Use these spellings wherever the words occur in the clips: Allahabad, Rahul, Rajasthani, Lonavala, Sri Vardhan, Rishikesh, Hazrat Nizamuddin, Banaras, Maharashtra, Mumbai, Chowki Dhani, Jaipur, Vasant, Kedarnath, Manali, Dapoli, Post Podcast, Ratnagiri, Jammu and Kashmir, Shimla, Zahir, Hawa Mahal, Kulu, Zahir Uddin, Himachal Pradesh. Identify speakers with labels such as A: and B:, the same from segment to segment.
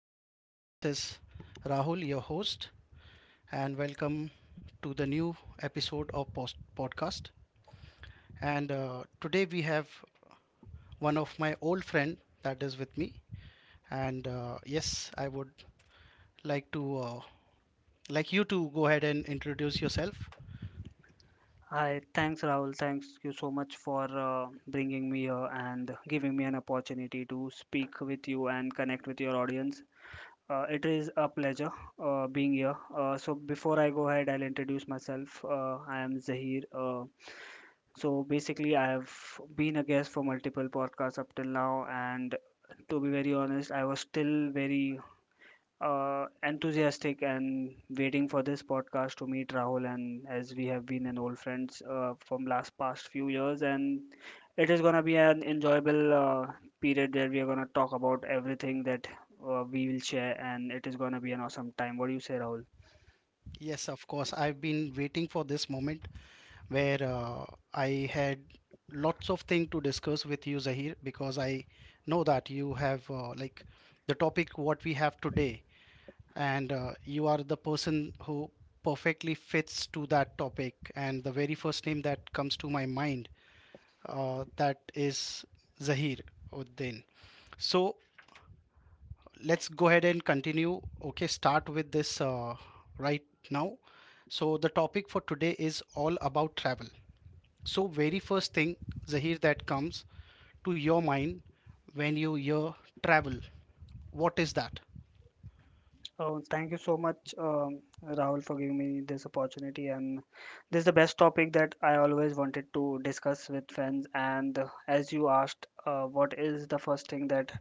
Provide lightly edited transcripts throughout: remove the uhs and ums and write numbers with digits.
A: everyone. This is Rahul, your host, and welcome to the new episode of Post Podcast. And Today we have one of my old friend that is with me. And Yes, I would like to like you to go ahead and introduce yourself.
B: Hi, thanks Rahul. Thanks you so much for bringing me here and giving me an opportunity to speak with you and connect with your audience. It is a pleasure being here. So before I go ahead, I'll introduce myself. I am Zahir. So basically, I have been a guest for multiple podcasts up till now, and to be very honest, I was still very enthusiastic and waiting for this podcast to meet Rahul. And as we have been an old friends from last past few years, and it is gonna be an enjoyable period where we are gonna talk about everything that we will share, and it is gonna be an awesome time. What do you say, Rahul?
A: Yes, of course. I've been waiting for this moment where I had lots of things to discuss with you, Zahir, because I know that you have like the topic what we have today and you are the person who perfectly fits to that topic. And the very first name that comes to my mind that is Zahir Uddin. So let's go ahead and continue. Okay, start with this right now. So the topic for today is all about travel. So very first thing, Zahir, that comes to your mind when you hear travel, what is that?
B: Oh, thank you so much, Rahul, for giving me this opportunity. And this is the best topic that I always wanted to discuss with friends. And as you asked, what is the first thing that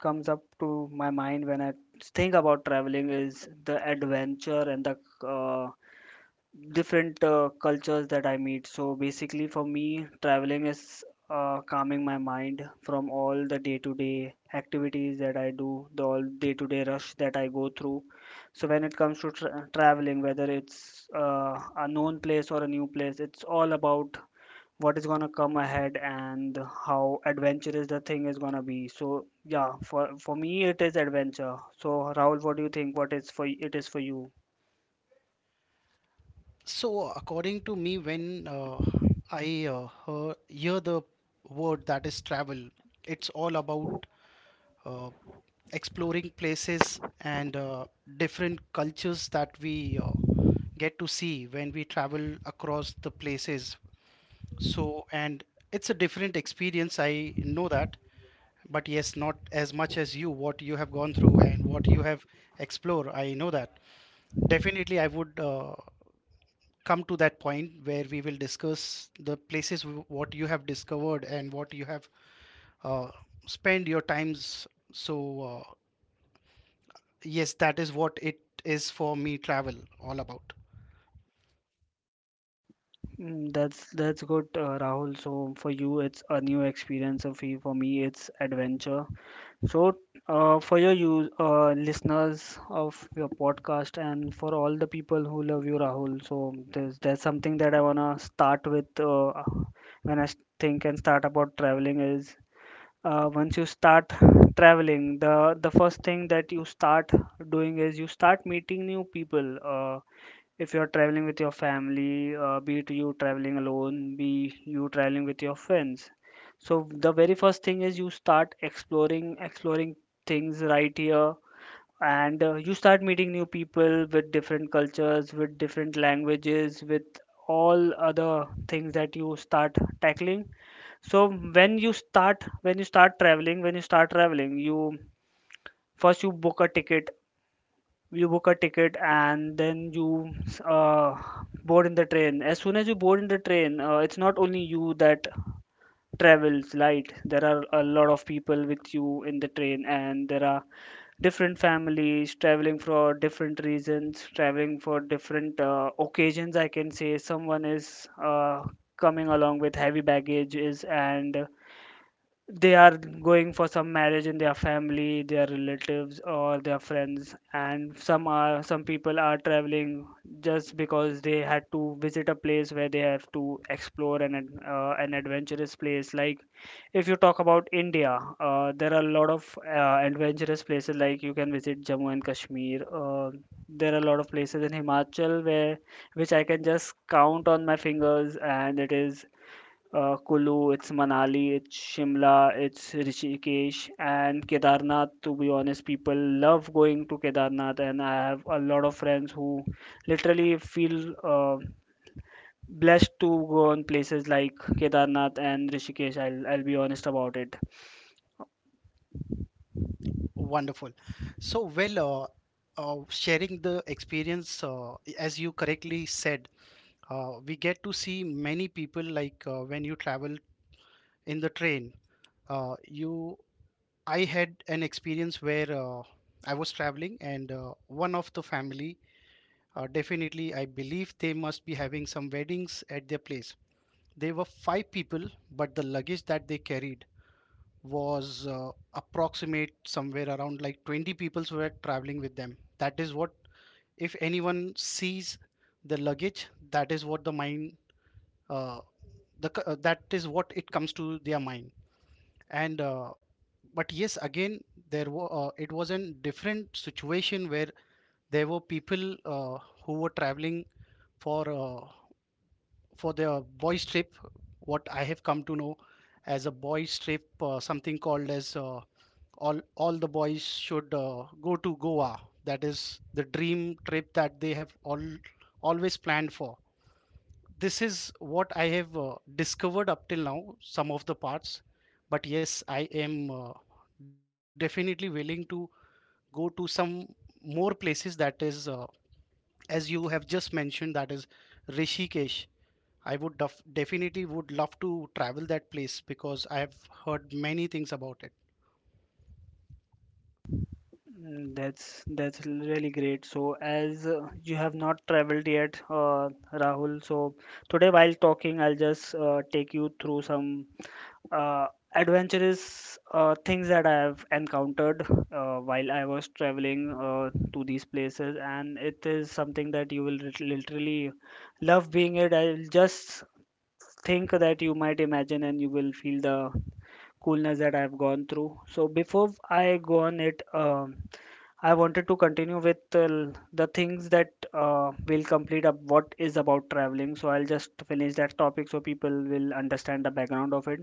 B: comes up to my mind when I think about traveling is the adventure and the uh, different cultures that I meet. So basically, for me, traveling is calming my mind from all the day-to-day activities that I do, the all day-to-day rush that I go through. So when it comes to traveling, whether it's a known place or a new place, it's all about what is gonna come ahead and how adventurous the thing is gonna be. So yeah, for me it is adventure. So Rahul, what do you think? What is for it is for you?
A: So, according to me, when I hear the word that is travel, it's all about uh, exploring places and different cultures that we get to see when we travel across the places. So, and it's a different experience, I know that. But yes, not as much as you, what you have gone through and what you have explored. I know that. Definitely, I would. Come to that point where we will discuss the places what you have discovered and what you have uh, spent your times. So, yes, that is what it is for me travel all about.
B: That's good, Rahul. So for you, it's a new experience. Of you, for me, it's adventure. So for your you listeners of your podcast and for all the people who love you, Rahul. So there's something that I wanna start with when I think and start about traveling is once you start traveling, the first thing that you start doing is you start meeting new people, if you're traveling with your family, be it you traveling alone, be you traveling with your friends. So the very first thing is you start exploring things right here, and you start meeting new people with different cultures, with different languages, with all other things that you start tackling. So when you start traveling when you start traveling you first you book a ticket, and then you uh, board in the train. As soon as you board in the train, it's not only you that travels right, there are a lot of people with you in the train, and there are different families traveling for different reasons, traveling for different occasions. I can say someone is coming along with heavy baggages and they are going for some marriage in their family, their relatives or their friends, and some people are traveling just because they had to visit a place where they have to explore an an adventurous place. Like, if you talk about India, there are a lot of adventurous places, like you can visit Jammu and Kashmir. There are a lot of places in Himachal, where which I can just count on my fingers, and it is Kulu, it's Manali, it's Shimla, it's Rishikesh, and Kedarnath. To be honest, people love going to Kedarnath, and I have a lot of friends who literally feel blessed to go on places like Kedarnath and Rishikesh. I'll be honest about it.
A: Wonderful. So, sharing the experience, as you correctly said, we get to see many people like when you travel in the train. Uh, you, I had an experience where I was traveling and one of the family. Definitely, I believe they must be having some weddings at their place. They were five people, but the luggage that they carried was approximate somewhere around like 20 people were traveling with them. That is what, if anyone sees the luggage, that is what the mind, uh, that is what it comes to their mind. And But yes, again, there were it was a different situation where there were people who were traveling for. For the boy trip what I have come to know as a boy trip, something called as all the boys should go to Goa. That is the dream trip that they have all always planned for. This is what I have discovered up till now, some of the parts. But yes, I am definitely willing to go to some more places, that is, as you have just mentioned, that is Rishikesh. I would definitely would love to travel that place because I have heard many things about it.
B: That's really great. So, as you have not traveled yet, Rahul, so today while talking, I'll just take you through some uh, adventurous things that I have encountered while I was traveling to these places, and it is something that you will literally love being it. I'll just think that you might imagine, and you will feel the coolness that I've gone through. So before I go on it, I wanted to continue with the things that will complete up what is about traveling. So I'll just finish that topic so people will understand the background of it.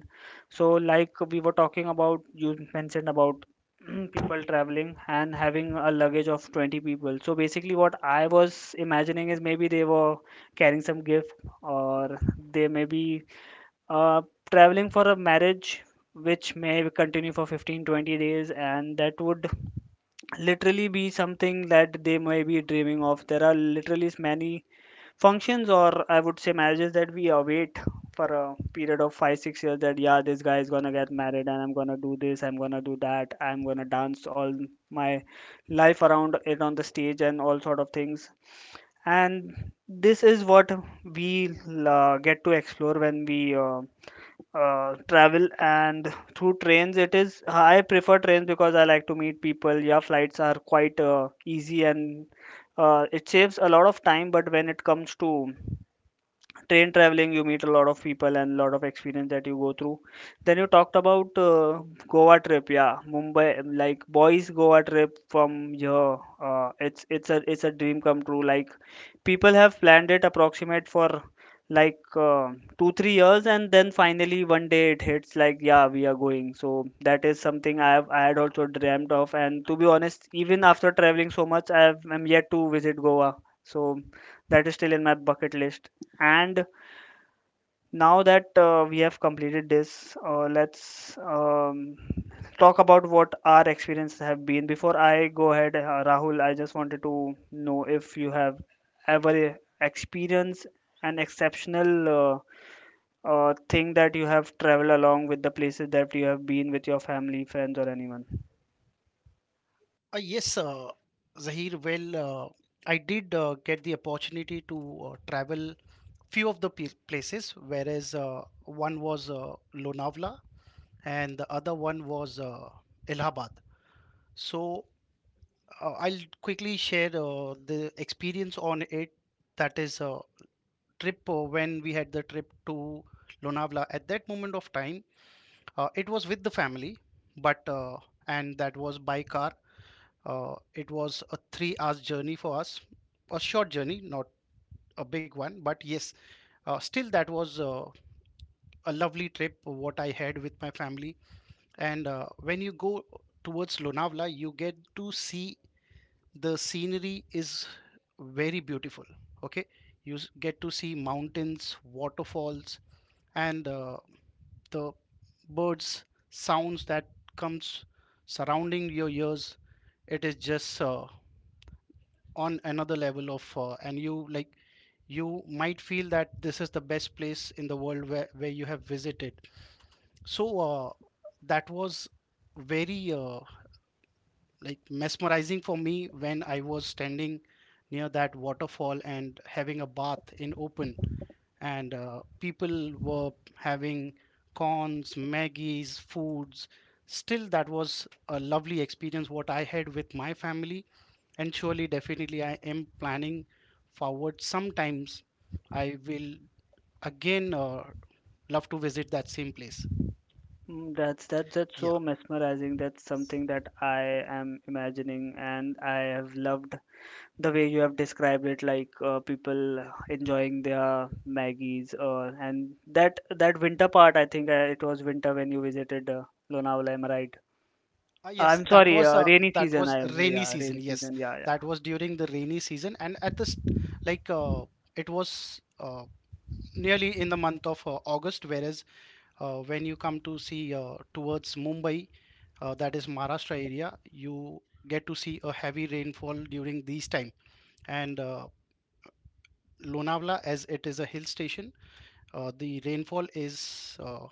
B: So like we were talking about, you mentioned about people traveling and having a luggage of 20 people. So basically what I was imagining is maybe they were carrying some gift, or they maybe. Uh, traveling for a marriage, which may continue for 15, 20 days, and that would literally be something that they may be dreaming of. There are literally many functions, or I would say marriages, that we await for a period of 5, 6 years, that yeah, this guy is gonna get married, and I'm gonna do this, I'm gonna do that, I'm gonna dance all my life around it on the stage, and all sort of things. And this is what we get to explore when we. Travel and through trains. It is, I prefer trains because I like to meet people. Yeah, flights are quite easy and it saves a lot of time, but when it comes to train traveling, you meet a lot of people and lot of experience that you go through. Then you talked about Goa trip. Yeah, Mumbai, like boys Goa trip from here, it's a dream come true. Like, people have planned it approximate for like 2 3 years, and then finally one day it hits, like, yeah, we are going. So that is something I had also dreamt of, and to be honest, even after traveling so much, I'm yet to visit Goa. So that is still in my bucket list. And now that we have completed this, let's talk about what our experiences have been. Before I go ahead, Rahul, I just wanted to know if you have ever experienced an exceptional thing that you have traveled along with the places that you have been with your family, friends, or anyone.
A: Yes, Zahir. Well, I did get the opportunity to travel few of the places, whereas one was Lonavala and the other one was Allahabad. So I'll quickly share the experience on it. That is a trip when we had the trip to Lonavala. At that moment of time, it was with the family, but and that was by car. It was a 3 hours journey for us, a short journey, not a big one, but yes, still that was a lovely trip what I had with my family. And when you go towards Lonavala, you get to see the scenery is very beautiful. Okay, you get to see mountains, waterfalls, and the birds sounds that comes surrounding your ears, it is just on another level of and you, like, you might feel that this is the best place in the world where you have visited. So that was very like mesmerizing for me when I was standing near that waterfall and having a bath in open, and people were having corns, Maggies, foods. Still, that was a lovely experience what I had with my family, and surely, definitely, I am planning forward. Sometimes I will again love to visit that same place.
B: That's
A: Yeah.
B: so mesmerizing. That's something that I am imagining, and I have loved the way you have described it, like people enjoying their maggies, and that winter part. I think it was winter when you visited Lonavala, am I right?
A: Uh, yes,
B: I'm
A: that
B: sorry,
A: was uh,
B: rainy
A: that
B: season.
A: was
B: I am
A: rainy
B: Yeah,
A: season.
B: rainy
A: Yes,
B: season. Yeah, yeah,
A: that was during the rainy season, and at this, like uh, it was nearly in the month of August, whereas when you come to see towards Mumbai, that is Maharashtra area, you get to see a heavy rainfall during these time. And Lonavala, as it is a hill station, the rainfall is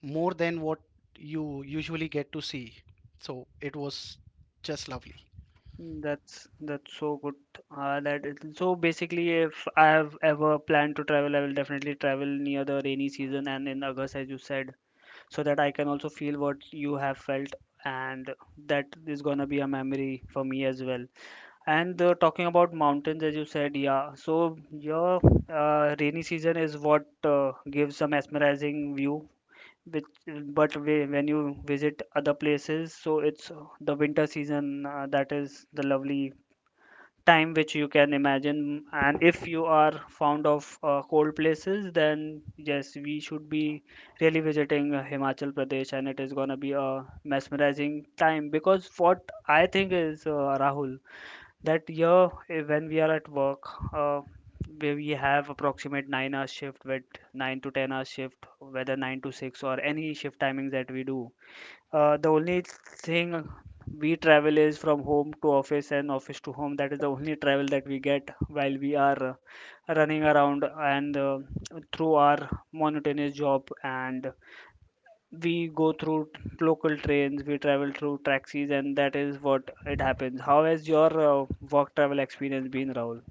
A: more than what you usually get to see. So it was just lovely.
B: that's so good. That is, so basically, if I have ever planned to travel, I will definitely travel near the rainy season and in August, as you said, so that I can also feel what you have felt, and that is gonna be a memory for me as well. And talking about mountains, as you said, yeah. So your rainy season is what gives a mesmerizing view. Which, but when you visit other places, so it's the winter season that is the lovely time which you can imagine. And if you are fond of cold places, then yes, we should be really visiting Himachal Pradesh, and it is gonna be a mesmerizing time. Because what I think is, Rahul, that year when we are at work, uh, where we have approximate 9 to 10 hour shift, whether 9 to 6 or any shift timings that we do, the only thing we travel is from home to office and office to home. That is the only travel that we get while we are running around and through our monotonous job, and we go through local trains, we travel through taxis, and that is what it happens. How has your work travel experience been, Rahul?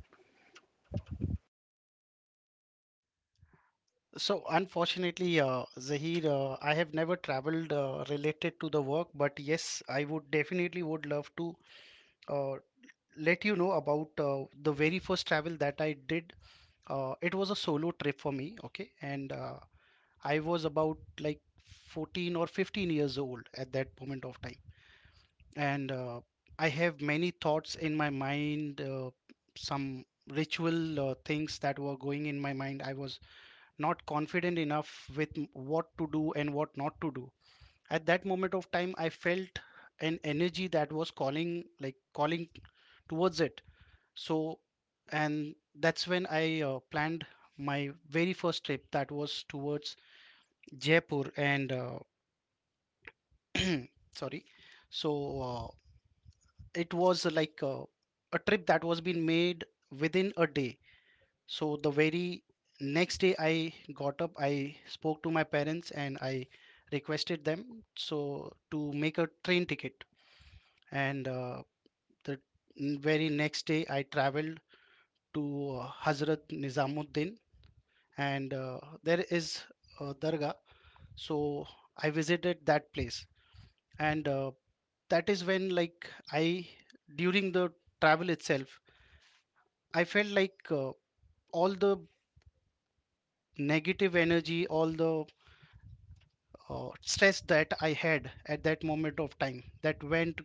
A: So unfortunately, Zahir, I have never traveled related to the work, but yes, I would definitely would love to uh, let you know about the very first travel that I did. It was a solo trip for me, okay, and I was about like 14 or 15 years old at that moment of time, and I have many thoughts in my mind, some ritual things that were going in my mind. I was not confident enough with what to do and what not to do. At that moment of time, I felt an energy that was calling, like calling towards it. So, and that's when I planned my very first trip that was towards Jaipur and sorry. So, uh, it was a trip that was being made within a day. So the very next day I got up, I spoke to my parents and I requested them so to make a train ticket. And the very next day I traveled to Hazrat Nizamuddin, and there is a dargah. So I visited that place, and that is when, like, I, during the travel itself, I felt like all the negative energy, all the stress that I had at that moment of time, that went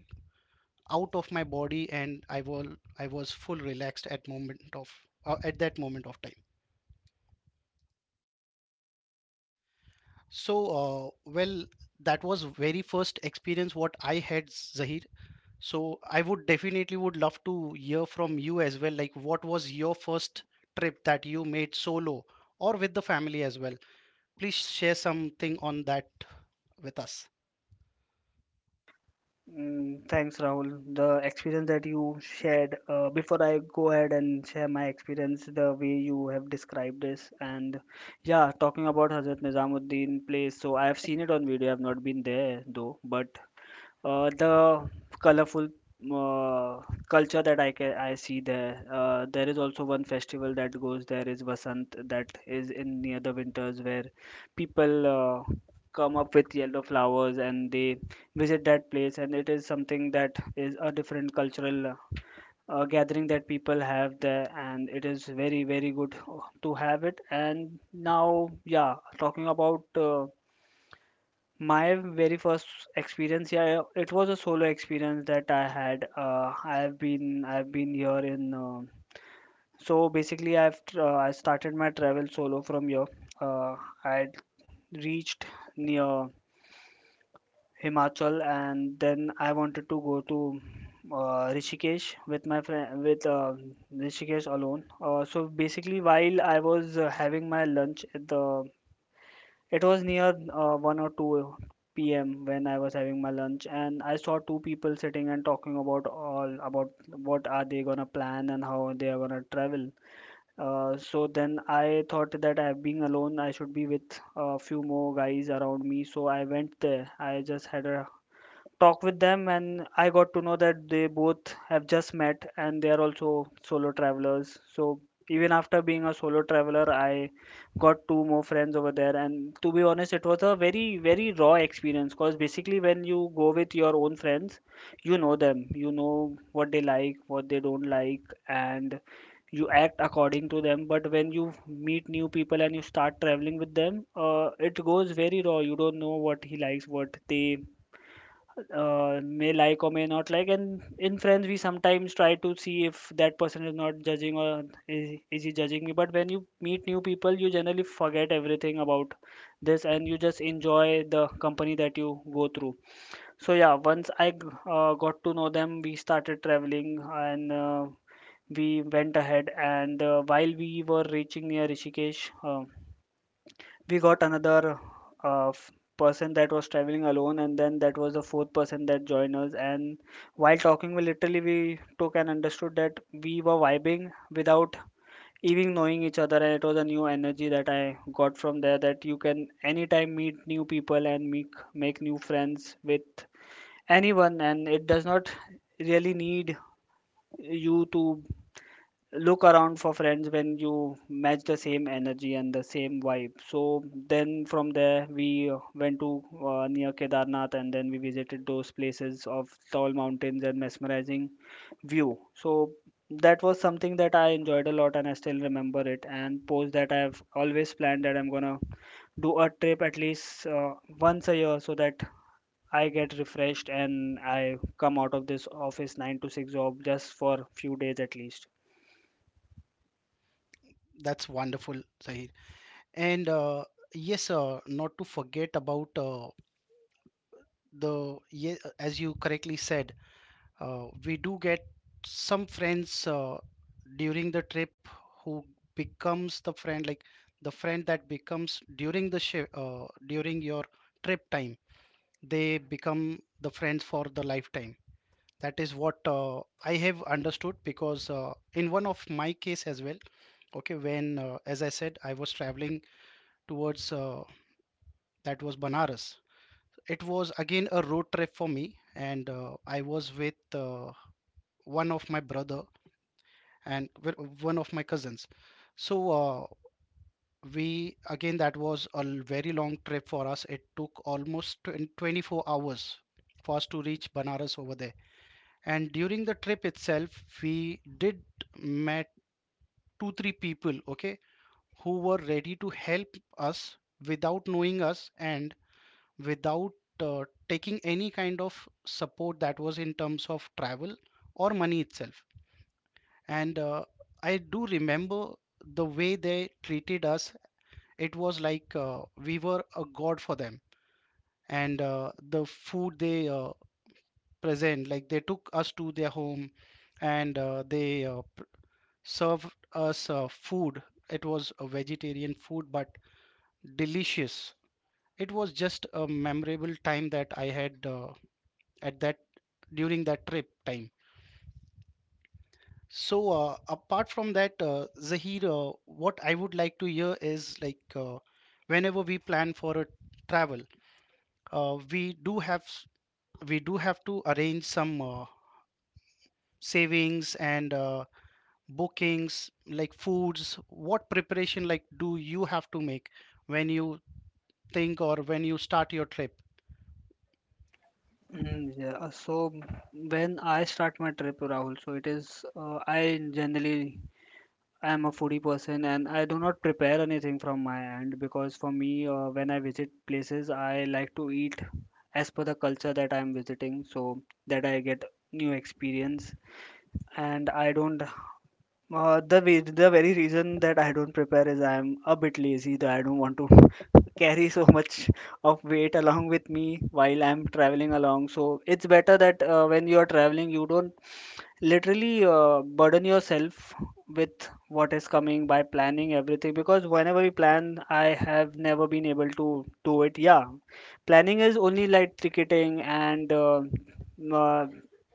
A: out of my body, and I was full relaxed at moment of at that moment of time. So well, that was very first experience what I had, Zahir. So I would definitely would love to hear from you as well, like what was your first trip that you made solo or with the family as well. Please share something on that with us.
B: Thanks, Rahul. The experience that you shared, before I go ahead and share my experience, the way you have described this, and yeah, talking about Hazrat Nizamuddin place, so I have seen it on video, I have not been there though, but the colorful uh, culture that I see there. There is also one festival that goes there, is Vasant, that is in near the winters, where people come up with yellow flowers and they visit that place, and it is something that is a different cultural gathering that people have there, and it is very very good to have it. And now yeah, talking about my very first experience, yeah, it was a solo experience that I had. I've been here in. So basically, I've I started my travel solo from here. Uh, I reached near Himachal, and then I wanted to go to Rishikesh with my friend with Rishikesh alone. So basically, while I was having my lunch at the it was near 1 or 2 p.m. when I was having my lunch, and I saw two people sitting and talking about all about what are they gonna plan and how they are gonna travel. So then I thought that I being alone, I should be with a few more guys around me. So I went there. I just had a talk with them and I got to know that they both have just met and they are also solo travelers. So even after being a solo traveler, I got two more friends over there. And to be honest, it was a very, very raw experience, because basically when you go with your own friends, you know them, you know what they like, what they don't like, and you act according to them. But when you meet new people and you start traveling with them, it goes very raw. You don't know what he likes, what they may like or may not like. And in friends we sometimes try to see if that person is not judging, or is he judging me. But when you meet new people you generally forget everything about this, and you just enjoy the company that you go through. So yeah, once I got to know them, we started traveling, and we went ahead, and while we were reaching near Rishikesh, we got another uh, f- person that was traveling alone, and then that was the fourth person that joined us. And while talking, we literally, we took and understood that we were vibing without even knowing each other, and it was a new energy that I got from there, that you can anytime meet new people and make new friends with anyone, and it does not really need you to look around for friends when you match the same energy and the same vibe. So then from there we went to near Kedarnath, and then we visited those places of tall mountains and mesmerizing view. So that was something that I enjoyed a lot, and I still remember it. And post that, I've always planned that I'm gonna do a trip at least once a year, so that I get refreshed and I come out of this office 9 to 6 job just for few days at least.
A: That's wonderful, Zahir. And yes, not to forget about the, as you correctly said, we do get some friends during the trip who becomes the friend, like the friend that becomes during the shi during your trip time, they become the friends for the lifetime. That is what I have understood because in one of my case as well, okay, when as I said, I was traveling towards that was Banaras. It was again a road trip for me, and I was with one of my brother and one of my cousins. So we again, that was a very long trip for us. It took almost 20 24 hours for us to reach Banaras over there. And during the trip itself, we did met 2 3 people, okay, who were ready to help us without knowing us and without uh, taking any kind of support that was in terms of travel or money itself. And I do remember the way they treated us. It was like we were a god for them. And the food they present, like they took us to their home and they served us food. It was a vegetarian food, but delicious. It was just a memorable time that I had at that, during that trip time. So apart from that, Zahir, what I would like to hear is like whenever we plan for a travel, uh, we do have s- we do have to arrange some savings and bookings like foods. What preparation like do you have to make when you think or when you start your trip?
B: Mm, yeah, so when I start my trip, Rahul, so it is, I generally, I am a foodie person, and I do not prepare anything from my end, because for me, when I visit places, I like to eat as per the culture that I am visiting, so that I get new experience. And I don't, the way, the very reason that I don't prepare is I'm a bit lazy, that I don't want to carry so much of weight along with me while I'm traveling along. So it's better that when you are traveling, you don't literally burden yourself with what is coming by planning everything, because whenever we plan I have never been able to do it, yeah. Planning is only like ticketing, and uh,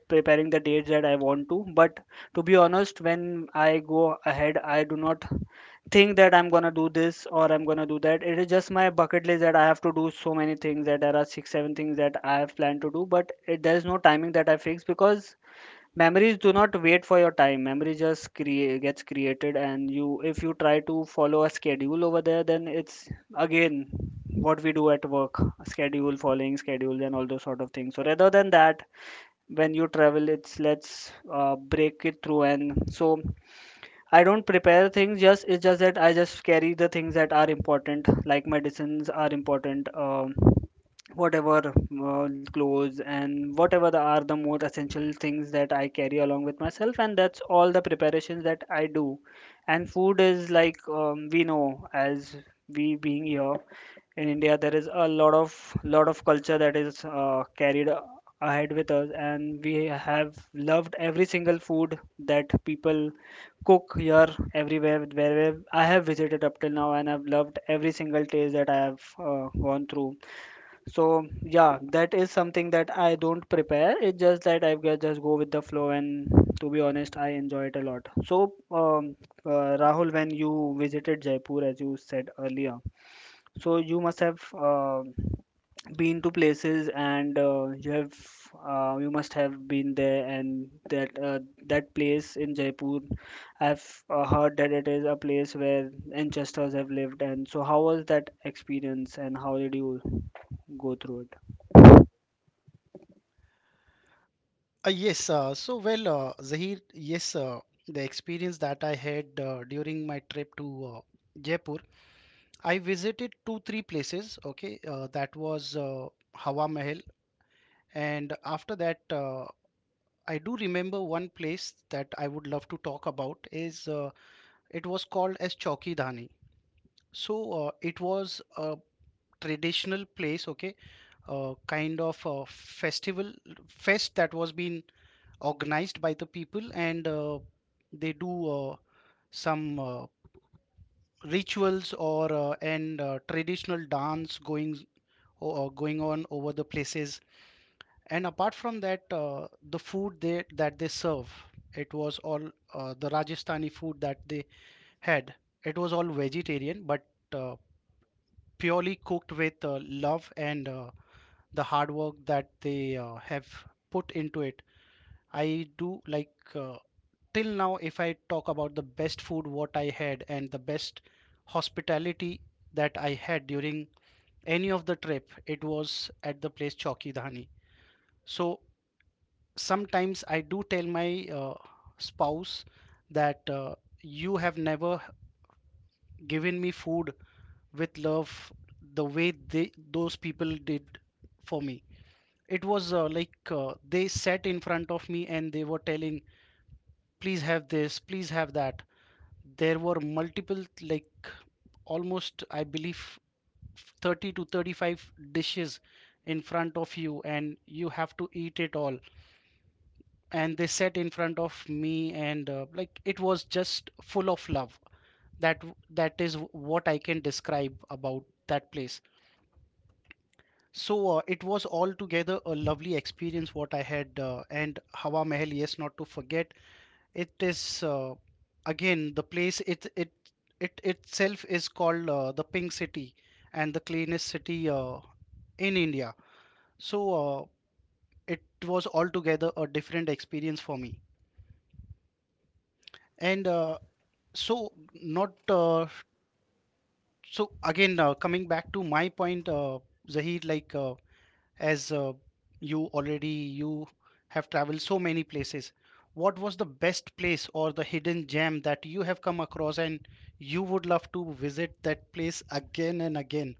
B: preparing the dates that I want to. But to be honest, when I go ahead I do not think that I'm gonna do this or I'm gonna do that. It is just my bucket list, that I have to do so many things, that there are six, seven things that I have planned to do, but there is no timing that I fix, because memories do not wait for your time. Memory just create gets created, and you, if you try to follow a schedule over there, then it's again what we do at work, schedule following schedule and all those sort of things. So rather than that, when you travel, it's let's break it through. And so I don't prepare things, just it's just that I just carry the things that are important, like medicines are important, whatever clothes, and whatever are the more essential things that I carry along with myself, and that's all the preparations that I do. And food is like, we know, as we being here in India, there is a lot of culture that is carried ahead with us, and we have loved every single food that people cook here everywhere, wherever I have visited up till now, and I've loved every single taste that I have gone through. So yeah, that is something that I don't prepare. It's just that I just go with the flow, and to be honest, I enjoy it a lot. So uh, Rahul, when you visited Jaipur, as you said earlier, so you must have been to places, and you have you must have been there, and that that place in Jaipur, I've heard that it is a place where ancestors have lived, and so how was that experience, and how did you go through it?
A: Yes, so well, Zahir, yes, the experience that I had during my trip to uh, Jaipur, I visited two, three places. Okay, that was Hawa Mahal, and after that, I do remember one place that I would love to talk about is, it was called as Chowki Dhani. So it was a traditional place, okay, kind of a festival fest that was being organized by the people, and they do some rituals or and traditional dance going on over the places. And apart from that, the food they that they serve, it was all the Rajasthani food that they had. It was all vegetarian, but uh, purely cooked with love and the hard work that they have put into it. I do like, till now, if I talk about the best food what I had and the best hospitality that I had during any of the trip, it was at the place Chowki Dhani. So sometimes I do tell my uh, spouse that you have never given me food with love the way they, those people did for me. It was they sat in front of me and they were telling, please have this, please have that. There were multiple, like almost I believe 30 to 35 dishes in front of you and you have to eat it all. And they sat in front of me and like, it was just full of love. That that is what I can describe about that place. So it was altogether a lovely experience what I had. And Hawa Mahal, yes, not to forget, it is again the place, it itself is called the pink city and the cleanest city in India. So it was altogether a different experience for me. And so not so again Coming back to my point, Zahir, like, as you already you have traveled so many places. What was the best place or the hidden gem that you have come across and you would love to visit that place again and again?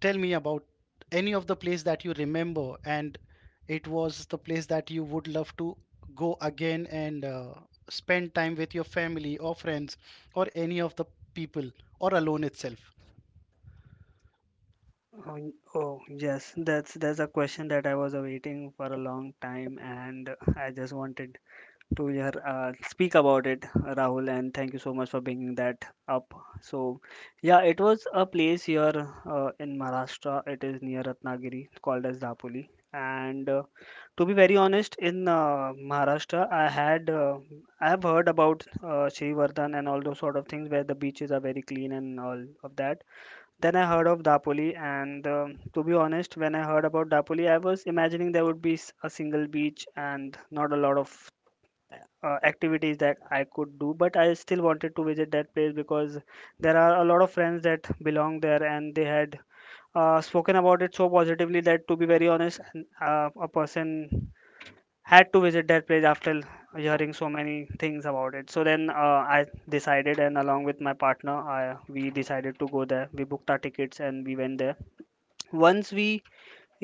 A: Tell me about any of the place that you remember and it was the place that you would love to go again and spend time with your family or friends or any of the people or alone itself.
B: Oh yes, that's a question that I was awaiting for a long time, and I just wanted to speak about it, Rahul, and thank you so much for bringing that up. So, yeah, it was a place here in Maharashtra. It is near Ratnagiri, called as Dapoli. And to be very honest, in Maharashtra, I have heard about Sri Vardhan and all those sort of things where the beaches are very clean and all of that. Then I heard of Dapoli, and to be honest, when I heard about Dapoli, I was imagining there would be a single beach and not a lot of activities that I could do, but I still wanted to visit that place because there are a lot of friends that belong there, and they had spoken about it so positively that, to be very honest, a person had to visit that place after hearing so many things about it. So then I decided, and along with my partner, we decided to go there. We booked our tickets and we went there. Once we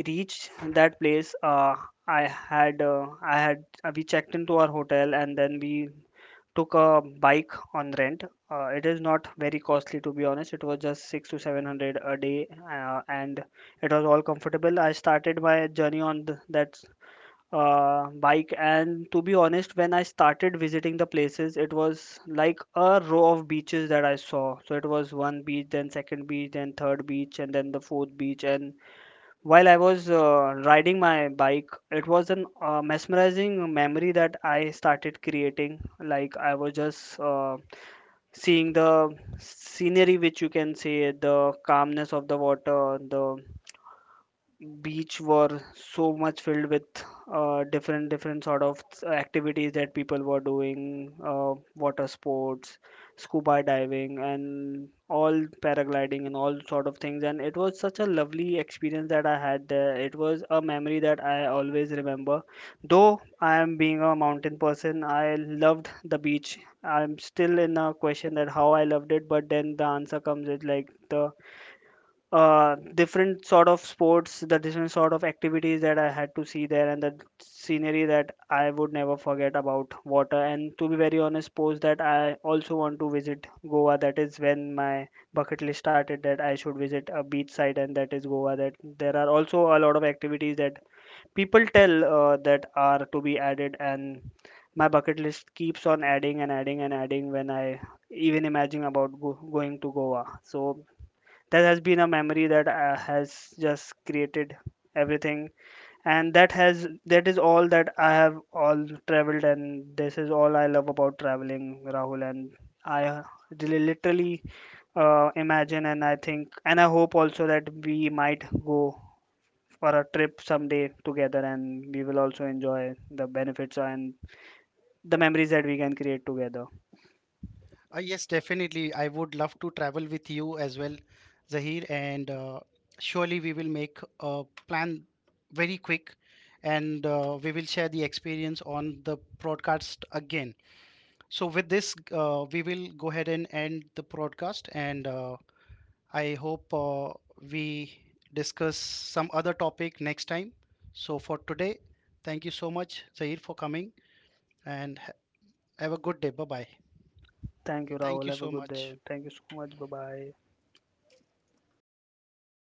B: reached that place, I had we checked into our hotel, and then we took a bike on rent. It is not very costly, to be honest. It was just six to seven hundred a day, and it was all comfortable. I started my journey on that bike, and to be honest, when I started visiting the places, it was like a row of beaches that I saw. So it was one beach, then second beach, then third beach, and then the fourth beach, and while I was riding my bike, it was an mesmerizing memory that I started creating, like I was just seeing the scenery, which you can say, the calmness of the water. The beach were so much filled with different sort of activities that people were doing, water sports, scuba diving and all, paragliding and all sort of things. And it was such a lovely experience that I had there. It was a memory that I always remember. Though I am being a mountain person, I loved the beach. I'm still in a question that how I loved it, but then the answer comes with like the different sort of sports, the different sort of activities that I had to see there, and the scenery that I would never forget about water. And to be very honest, post that, I also want to visit Goa. That is when my bucket list started, that I should visit a beach side, and that is Goa, that there are also a lot of activities that people tell that are to be added, and my bucket list keeps on adding and adding and adding when I even imagine about going to Goa. So that has been a memory that has just created everything, and that is all that I have all traveled, and this is all I love about traveling, Rahul. And I really literally imagine and I think, and I hope also that we might go for a trip someday together, and we will also enjoy the benefits and the memories that we can create together.
A: Yes, definitely. I would love to travel with you as well, Zahir, and surely we will make a plan very quick, and we will share the experience on the broadcast again. So with this, we will go ahead and end the broadcast, and I hope we discuss some other topic next time. So for today, thank you so much, Zaid, for coming, and have a good day. Bye bye.
B: Thank you,
A: Thank
B: Rahul.
A: you
B: Have a
A: so
B: good day.
A: much.
B: Thank you so much. Bye bye.